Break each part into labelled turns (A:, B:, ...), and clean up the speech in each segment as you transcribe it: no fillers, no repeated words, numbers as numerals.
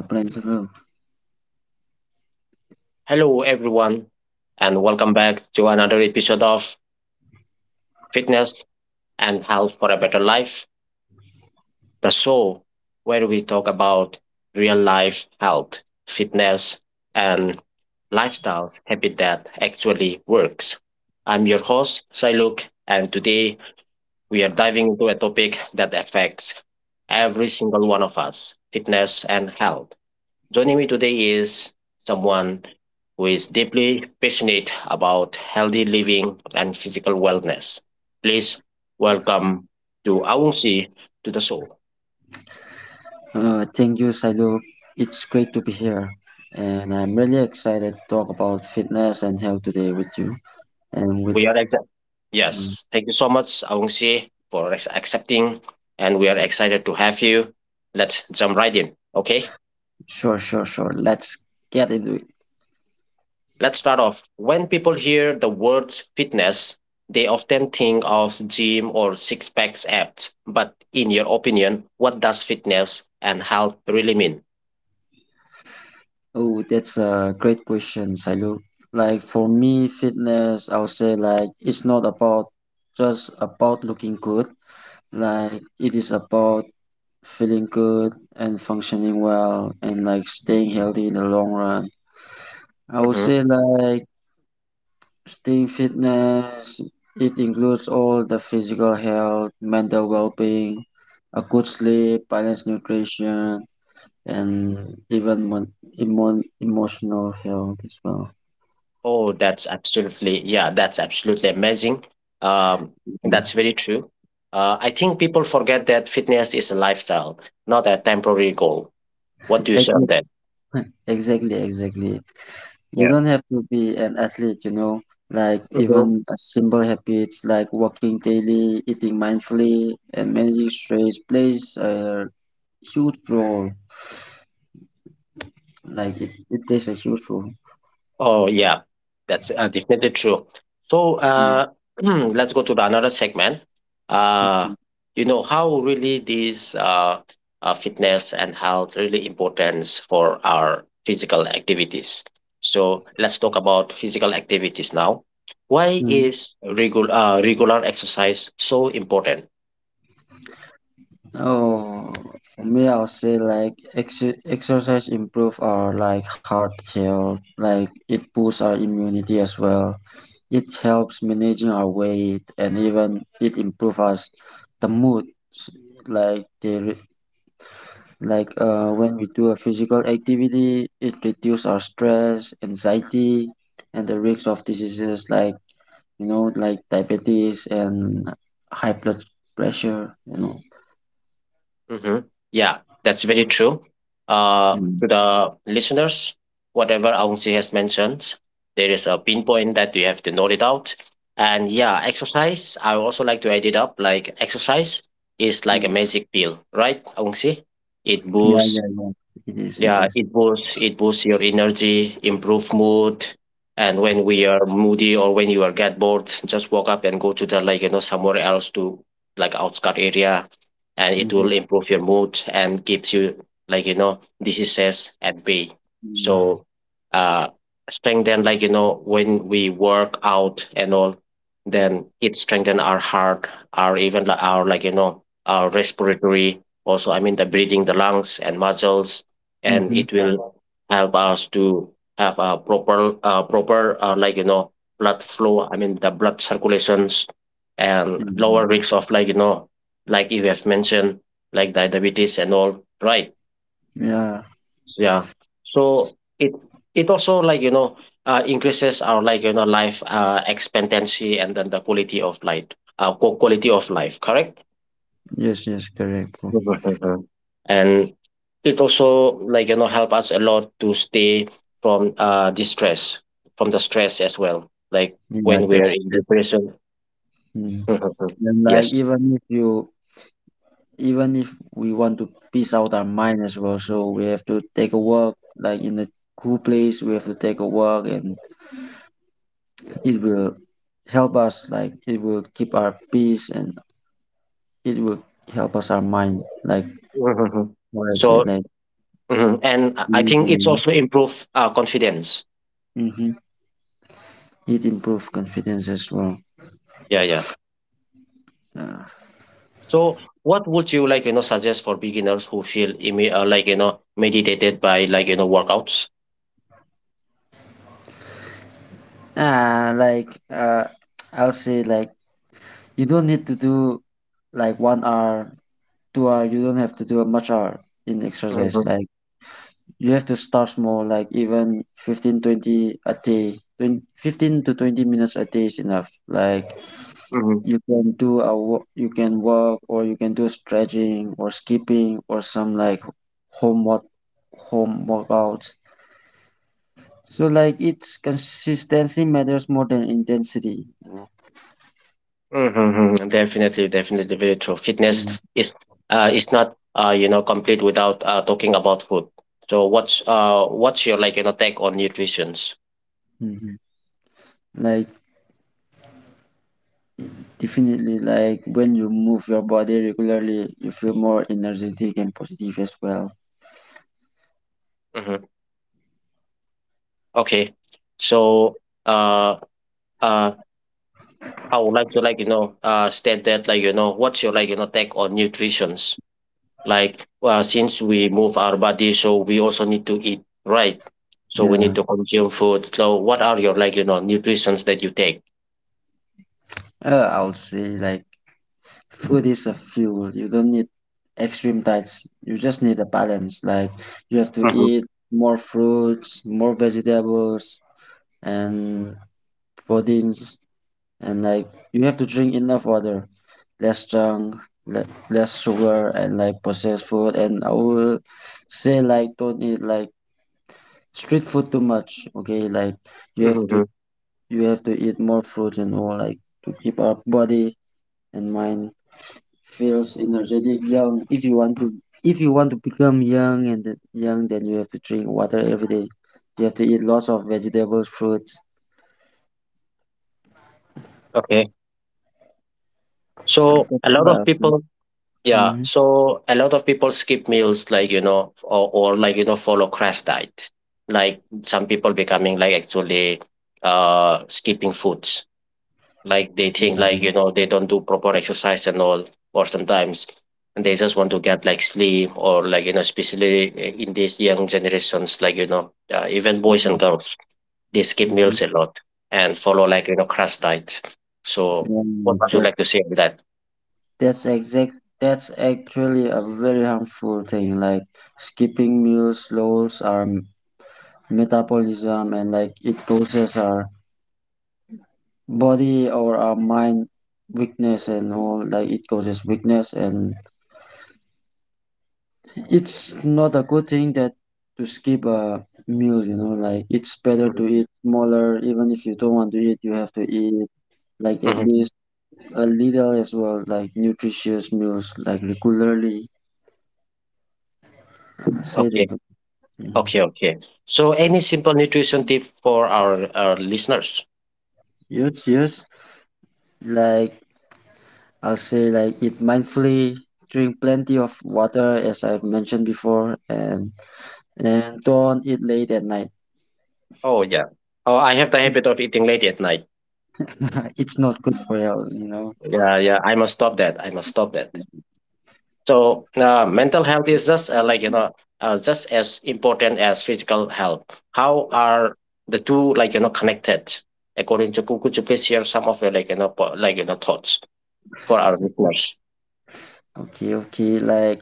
A: Hello.
B: Hello, everyone, and welcome back to another episode of Fitness and Health for a Better Life, the show where we talk about real life health, fitness, and lifestyles habit that actually works. I'm your host, Sailuk, and today we are diving into a topic that affects every single one of us fitness and health. Joining me today is someone who is deeply passionate about healthy living and physical wellness. Please welcome to Aungsi to the show.
A: Thank you, Sailu. It's great to be here. And I'm really excited to talk about fitness and health today with you. And with,
B: We are excited.
A: mm,
B: Yes, thank you so much, Aungsi, for accepting, and we are excited to have you. Let's jump right in. Okay.
A: sure, sure, sure. Let's get into it.
B: Let's start off. When people hear the words fitness, they often think of gym or six packs abs. But in your opinion, what does fitness and health really mean?
A: Oh, that's a great question, Sailu. Like for me, fitness, I'll say like it's not about just about looking good. Like it is about feeling good and functioning well and like staying healthy in the long run. I would
B: Mhm.
A: say like staying fitness, it includes all the physical health, mental well-being, a good sleep, balanced nutrition, and even emotional health as well.
B: Oh, that's absolutely, yeah, that's absolutely amazing. Um,
A: Yeah.
B: that's very true. I think people forget that fitness is a lifestyle, not a temporary goal. What do you say on
A: Exactly,
B: that?
A: exactly, exactly. You
B: Yeah.
A: don't have to be an athlete, like even a simple habits like walking daily, eating mindfully, and managing stress plays a huge role. Like it plays a huge role.
B: Oh, yeah, that's definitely true. So let's go to the another segment. Uh, you know how really these fitness and health really important for our physical activities. So let's talk about physical activities now. Why is regular regular exercise so important?
A: Oh, for me, I'll say like exercise improve our like heart health. Like it boosts our immunity as well. It helps managing our weight and even it improves us the mood. S- Like the re- like When we do a physical activity, it reduces our stress, anxiety, and the risk of diseases like you know like diabetes and high blood pressure.
B: Mm-hmm. Yeah, that's very true. To the listeners, whatever Aungsi has mentioned, there is a pinpoint that you have to note it out. And yeah, exercise, I also like to add it up. Like exercise is like a
A: Mm.
B: magic pill, right, Aungsi? It
A: Yeah,
B: boosts
A: yeah, yeah. It is, it
B: yeah,
A: is.
B: it boosts your energy, improve mood, and when we are moody or when you are get bored, just walk up and go to the like somewhere else to like outskirt area, and it
A: Mm-hmm.
B: will improve your mood and keeps you like diseases at bay.
A: Yeah.
B: So, uh, strengthen like when we work out and all, then it strengthen our heart, our even like our like our respiratory. Also, I mean the breathing, the lungs and muscles, and
A: Mm-hmm.
B: it will help us to have a proper like blood flow, I mean the blood circulations and lower risk of like like you have mentioned, like diabetes and all, right?
A: Yeah.
B: Yeah, so it also like increases our like life expectancy and then the quality of life, quality of life, correct.
A: Yes, yes, correct, bro.
B: Mhm, mhm. And it also like help us a lot to stay from distress, from the stress as well. Like
A: Yeah,
B: when we are
A: that's
B: in
A: that.
B: depression.
A: Mm.
B: Mhm, mhm.
A: And like
B: Yes.
A: even if we want to peace out our mind as well, so we have to take a walk, like in a cool place, we have to take a walk, and it will help us, like it will keep our peace, and it will help us our mind, like
B: Mhm.
A: what I
B: So
A: said, like
B: mhm. And I
A: peace
B: think it's
A: and
B: also improve confidence.
A: mm-hmm. It improve confidence as well.
B: Yeah, yeah.
A: Yeah.
B: So what would you like suggest for beginners who feel like meditated by like workouts?
A: Like I'll say like you don't need to do like 1 hour, 2 hour. You don't have to do much hour in exercise.
B: Mhm,
A: Like you have to start small. Like even 15-20 a day. 20, 15 to 20 minutes a day is enough. Like
B: mhm.
A: you can do a you can walk or you can do stretching or skipping or some like home work home workouts. So like it's consistency matters more than intensity.
B: Mm-hmm. Mm-hmm. Definitely, definitely, very true.
A: Mm.
B: Fitness is not complete without talking about food. So what's what's your like take on nutritions?
A: Mhm. Like definitely, like when you move your body regularly, you feel more energetic and positive as well.
B: Mm-hmm. Okay, so uh uh I would like to like state that like what's your like take on nutritions? Like since we move our body, so we also need to eat, right? So we need
A: Yeah.
B: to consume food. So what are your like nutritions that you take?
A: I would say like food is a fuel. You don't need extreme diets. You just need a balance. Like you have to
B: Mm-hmm.
A: eat more fruits, more vegetables, and proteins, and like you have to drink enough water, less junk, less sugar, and like processed food. And I will say like don't eat like street food too much, okay? Like you have to
B: Mm-hmm.
A: you have to eat more fruit and all, like to keep our body and mind feels energetic young. If you want to become young and young, then you have to drink water every day. You have to eat lots of vegetables fruits.
B: Okay. So a lot of people, yeah.
A: Mm-hmm.
B: So a lot of people skip meals, like or like follow crash diet. Like some people becoming like actually skipping foods. Like they think like they don't do proper exercise and all, or sometimes they just want to get like sleep or like especially in these young generations, like even boys and girls, they skip
A: Mm-hmm.
B: meals a lot and follow like crash diet. So
A: Yeah,
B: what would you like to say on that?
A: that's exact that's actually a very harmful thing, like skipping meals lows are metabolism, and like it causes our body or our mind weakness and all, like it causes weakness and it's not a good thing that to skip a meal, you know, like it's better to
B: Mhm.
A: eat smaller. Even if you don't want to eat, you have to eat like at
B: Mhm.
A: least a little as well, like nutritious meals, like regularly, say
B: Okay.
A: that. Mm.
B: Okay. Okay. So, any simple nutrition tip for our listeners?
A: Yes, yes. Like I'll say like eat mindfully, drink plenty of water as I've mentioned before, and don't eat late at night.
B: Oh, yeah. Oh, I have the habit of eating late at night.
A: It's not good for health, you know.
B: Yeah. Yeah. I must stop that. I must stop that. So, mental health is just like, just as important as physical health. How are the two, like, connected? According to Could you please share some of your, like, like, thoughts for our listeners?
A: Okay, okay. Like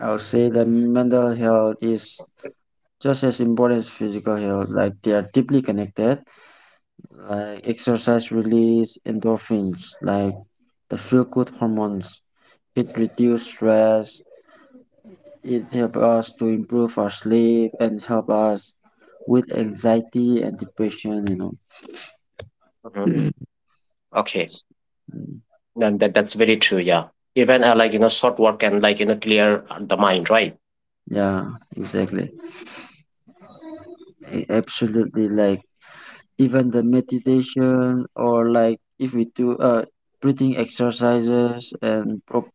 A: I'll say the mental health is just as important as physical health. Like they are deeply connected. Like exercise release endorphins, like the feel good hormones. It reduces stress. It helps us to improve our sleep and help us with anxiety and depression, you know.
B: Mhm. Okay. And that's very true. Yeah, even like short work can like clear the mind, right?
A: Yeah, exactly. Absolutely. Like even the meditation, or like if we do breathing exercises and proper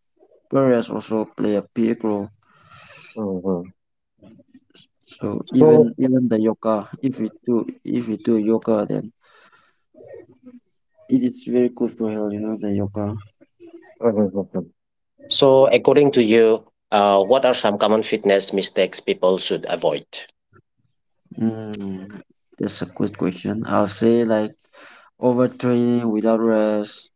A: rest also play a big role.
B: Mhm.
A: So even
B: So,
A: even the yoga, if we do yoga, then it is very good for health, you know, the yoga.
B: mhm. So according to you, what are some common fitness mistakes people should avoid?
A: Mm, that's a good question. I'll say like overtraining without rest,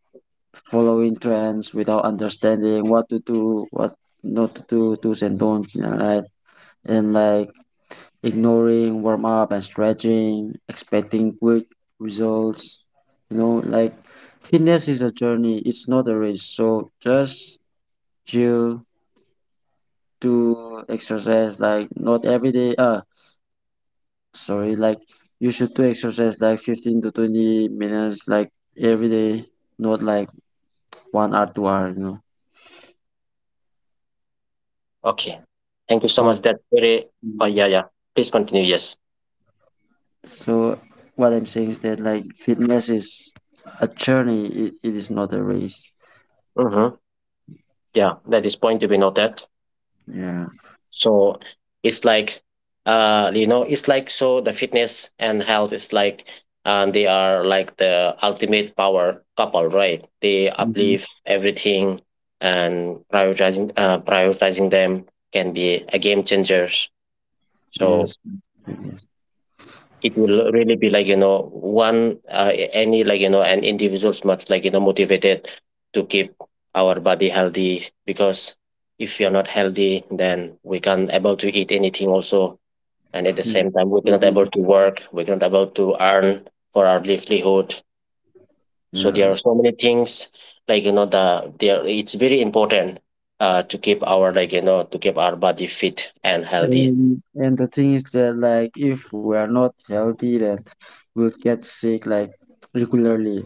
A: following trends without understanding what to do, what not to do, do's and don'ts, you know, right? And like ignoring warm up and stretching, expecting quick results. You know, like fitness is a journey, it's not a race. So just chill, do exercise like not every day. Sorry, like you should do exercise like 15 to 20 minutes like every day, not like 1 hour, 2 hour, you know.
B: Okay, thank you so
A: So,
B: much. That's very. Oh
A: mm,
B: yeah, yeah. Please continue. Yes.
A: so what I'm saying is that like fitness is a journey. It is not a race.
B: Mm-hmm. Yeah, that is point to be noted.
A: Yeah.
B: So it's like it's like, so the fitness and health is like, and they are like the ultimate power couple, right? They
A: Hmm.
B: uplift everything, and prioritizing them can be a game changers. So
A: Yes. It is.
B: it will really be like one any like an individual's much like motivated to keep our body healthy, because if you're not healthy, then we can't able to eat anything also, and at the
A: Mm,
B: same time we cannot able
A: maybe.
B: to work, we cannot able to earn for our livelihood. So there
A: Yeah.
B: are so many things like the there, it's very important to keep our like to keep our body fit and healthy.
A: And the thing is that like if we are not healthy, then we'll get sick like regularly.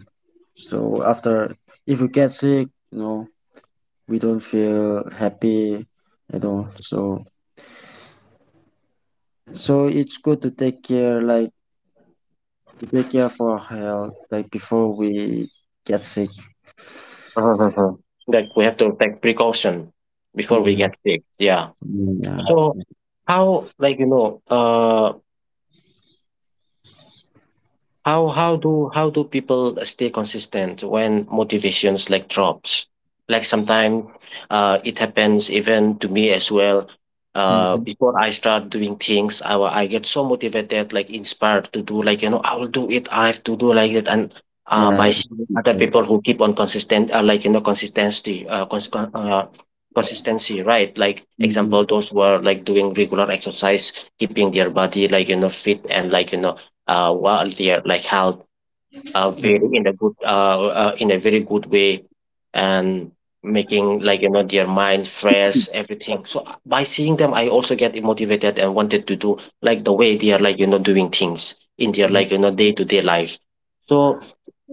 A: So after, if we get sick, you know, we don't feel happy at all. So it's good to take care for our health, like before we get sick.
B: Mhm. Like we have to take precaution before we
A: Mhm.
B: get sick, yeah.
A: Mm. Yeah.
B: So how like how do people stay consistent when motivations like drops? Like sometimes it happens even to me as well.
A: Mm-hmm.
B: Before I start doing things, I get so motivated, like inspired to do, like I will do it. I have to do like it, and
A: Yeah.
B: by seeing other people who keep on consistent, like consistency, right? Like
A: Mhm,
B: example, those who are like doing regular exercise, keeping their body like fit, and like while they are like held very in a good in a very good way, and making like their mind fresh everything. So by seeing them, I also get motivated and wanted to do like the way they are like doing things in their
A: mhm.
B: like day-to-day life. So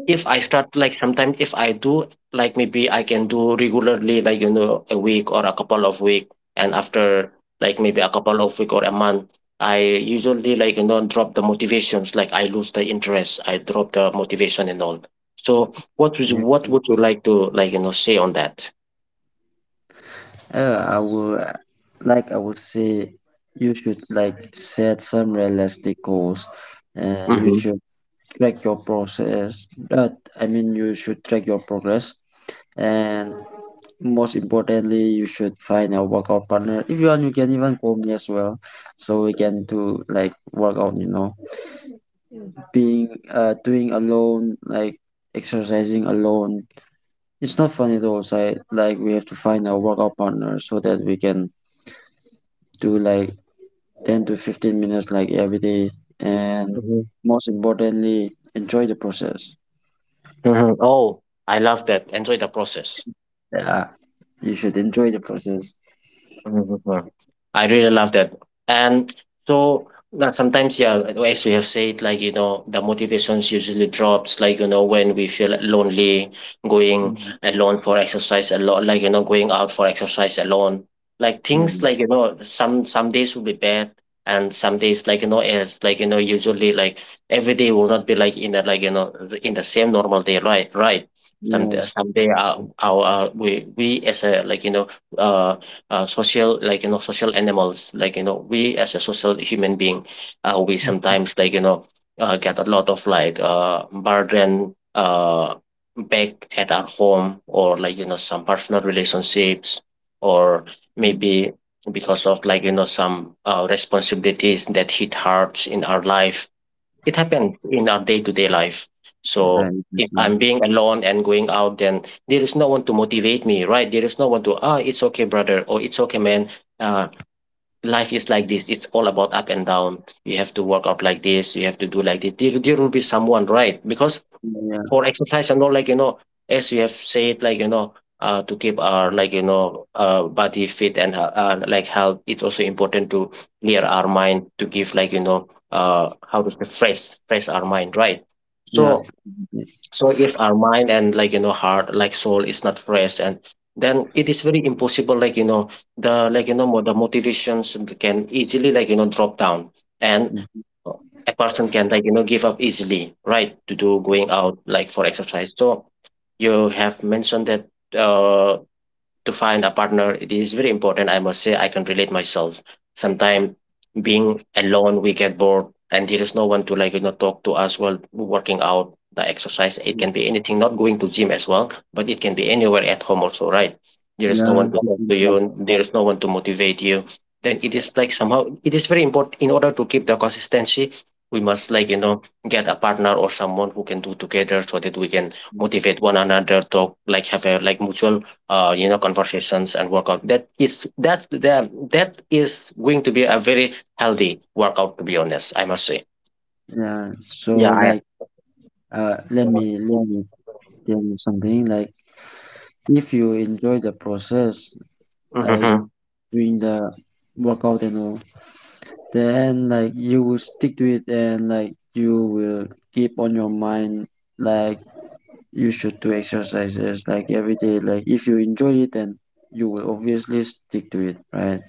B: if I start, like sometimes if I do, like maybe I can do regularly like a week or a couple of week, and after like maybe a couple of week or a month, I usually like drop the motivations, like I lose the interest, I drop the motivation and all. So what would you,
A: Yeah.
B: what would you like to like say on that?
A: Uh, I will, uh, like I would say, you should like set some realistic goals, and you
B: Mm-hmm.
A: should track your process. But I mean, you should track your progress, and most importantly, you should find a workout partner. If you want, you can even call me as well, so we can do like workout. Being Doing alone, like exercising alone, it's not fun at all, so like we have to find a workout partner so that we can do like 10 to 15 minutes like every day, and
B: Mm-hmm.
A: most importantly, enjoy the process.
B: Hmm, oh I love that, enjoy the process.
A: Yeah, you should enjoy the process.
B: Mhm. I really love that. And so that sometimes, yeah, as you have said, like, the motivations usually drops, like, when we feel lonely, going
A: Mm,
B: alone for exercise a lot, like, going out for exercise alone. Like
A: yeah.
B: things like, some days will be bad, and some days like, as like, usually like every day will not be like in the like, in the same normal day, right? Right. Some
A: Yes.
B: someday our we as a like, uh social like social animals, like we as a social human being, we sometimes like get a lot of like burden back at our home or like some personal relationships, or
A: Mm,
B: maybe because of like some responsibilities that hit hard in our life. It happens in our day-to-day life.
A: yeah,
B: So if I'm
A: exactly.
B: being alone and going out, then there is no one to motivate me, right? There is no one to, ah, it's okay, brother, or it's okay, man. Uh, Life is like this. It's all about up and down. You have to work out like this. You have to do like this. There will be someone, right? Because
A: Yeah,
B: for exercise and all, as you have said, to keep our, body fit and like health, it's also important to clear our mind, to give, how to say, fresh our mind, right?
A: yeah,
B: So so if our mind and, heart, like soul, is not fresh, and then it is very impossible, the, the motivations can easily, drop down, and a person can, give up easily, right, to do going out like for exercise. So you have mentioned that, uh to find a partner, it is very important. I must say I can relate myself. Sometimes being alone, we get bored, and there is no one to, talk to us while working out, the exercise. It can be anything, not going to gym as well, but it can be anywhere at home also, right? There is no
A: yeah.
B: one to talk to you,
A: Definitely.
B: and there is no one to motivate you. Then it is like somehow it is very important in order to keep the consistency. We must, get a partner or someone who can do together, so that we can motivate one another, talk, like have a like mutual, conversations and workout. That is going to be a very healthy workout, to be honest, I must say.
A: Yeah. So
B: Yeah, I
A: like let me let me tell you something, like if you enjoy the process, like
B: Mhm,
A: doing the workout and all, then like you will stick to it, and like you will keep on your mind like you should do exercises like every day. Like if you enjoy it, then you will obviously stick to it, right?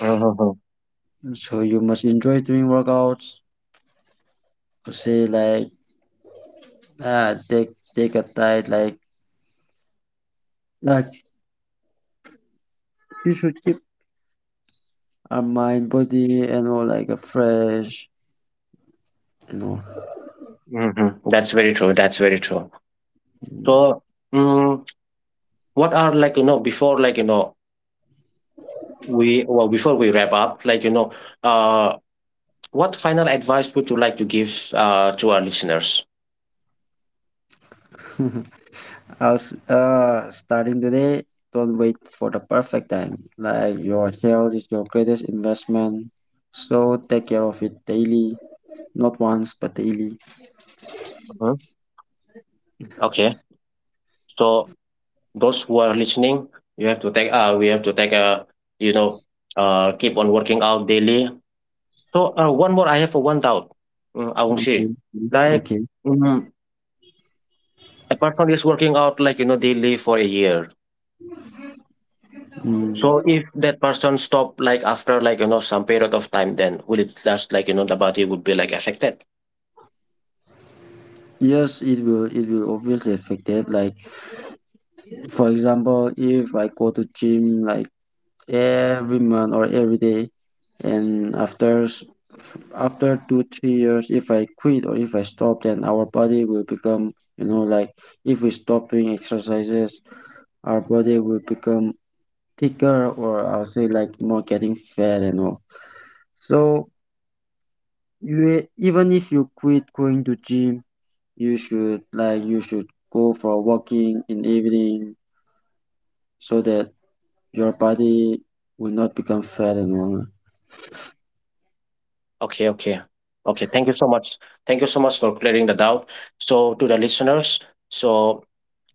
B: mhm,
A: So you must enjoy doing workouts. Say like uh take take a diet like like you should keep our mind body and all like a fresh, you
B: mhm. That's very true. That's very true. So, um, what are, before, we before we wrap up, uh what final advice would you like to give to our listeners?
A: know. How's starting today? Don't wait for the perfect time. Like your health is your greatest investment. So take care of it daily. Not once but daily.
B: Mhm. Okay, so those who are listening, you have to take we have to take a, you know keep on working out daily. So one more, I have one doubt, Aungshi.
A: Okay.
B: Like
A: Okay.
B: mm, a person is working out, daily for a year. So
A: Mm.
B: if that person stop like after, some period of time, then will it just, the body would be like affected?
A: Yes, it will obviously affect it. Like for example, if I go to gym like every month or every day, and after 2-3 years if I quit or if I stop, then our body will become you know like, if we stop doing exercises our body will become thicker, or I'll say like more getting fat and all. So, you even if you quit going to gym, you should go for walking in the evening, so that your body will not become fat and all.
B: Okay, okay. Okay, thank you so much. Thank you so much for clearing the doubt. So to the listeners, so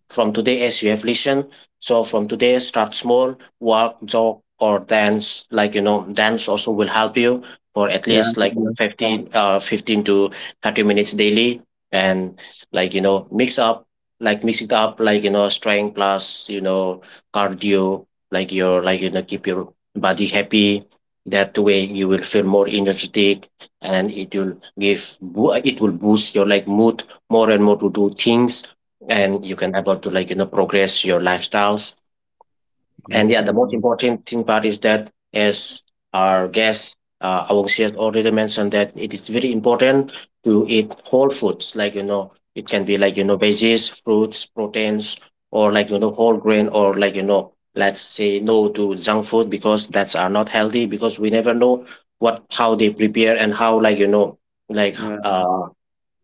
B: from today, as you have listened, so from today, start small, walk, jog, or dance. Like, you know, dance also will help you for at
A: Yeah.
B: least like 15, 15 to 30 minutes daily. And, mix up, like mix it up, strength plus, cardio, like your, keep your body happy. That way you will feel more energetic, and it will it will boost your like mood more and more to do things, and you can able to, progress your lifestyles. And
A: Yes,
B: yeah,
A: I
B: the most
A: do.
B: important thing part is that, as our guest, Awang Siat already mentioned, that it is very important to eat whole foods, it can be, veggies, fruits, proteins, or, whole grain, or, let's say no to junk food, because that's are not healthy, because we never know what, how they prepare, and how, like,
A: Yeah,
B: uh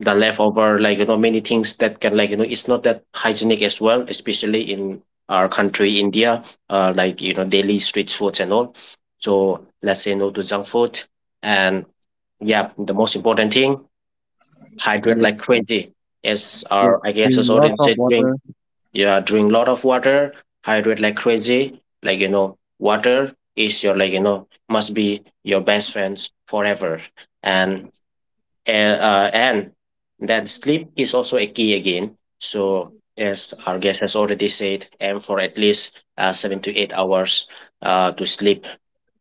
B: the leftover, many things, that can, it's not that hygienic as well, especially in our country India, daily street foods and all. So let's say no to junk food. And yeah, the most important thing, hydrate
A: let's
B: like crazy, as
A: drink
B: our, I guess, as already
A: lots of
B: said, drink,
A: water.
B: yeah, drink lot of water. Hydrate like crazy, water is your, must be your best friends forever. And and uh, and that sleep is also a key again. So as our guest has already said, aim for at least 7 to 8 hours to sleep,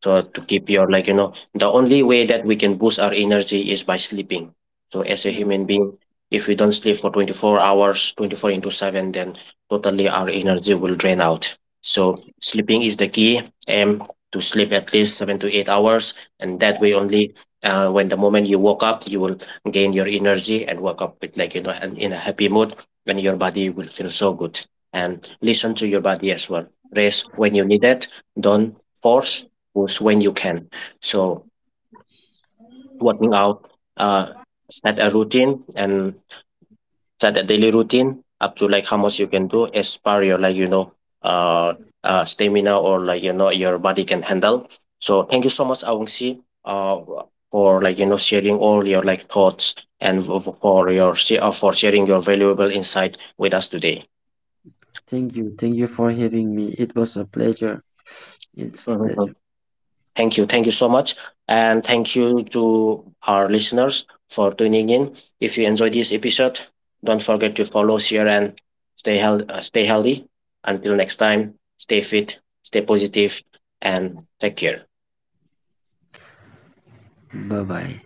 B: so to keep your, the only way that we can boost our energy is by sleeping. So as a
A: Yeah,
B: human being, if we don't sleep for 24 hours, 24 into 7, then totally our energy will drain out. So sleeping is the key. Aim to sleep at least 7 to 8 hours, and that way only, when the moment you woke up, you will gain your energy and wake up with, and in a happy mood. When your body will feel so good, and listen to your body as well, rest when you need it, don't force goals when you can. So working out, uh, set a routine, and set a daily routine up to like how much you can do as per your, uh, stamina, or, your body can handle. So thank you so much, Awangsi, uh for, sharing all your like thoughts, and for sharing your valuable insight with us today.
A: thank you. Thank you for having me. It was a pleasure. It's a
B: Mhm.
A: pleasure.
B: Thank you. Thank you so much. And thank you to our listeners for tuning in. If you enjoyed this episode, don't forget to follow, share, and stay, health, stay healthy. Until next time, stay fit, stay positive, and take care.
A: Bye bye.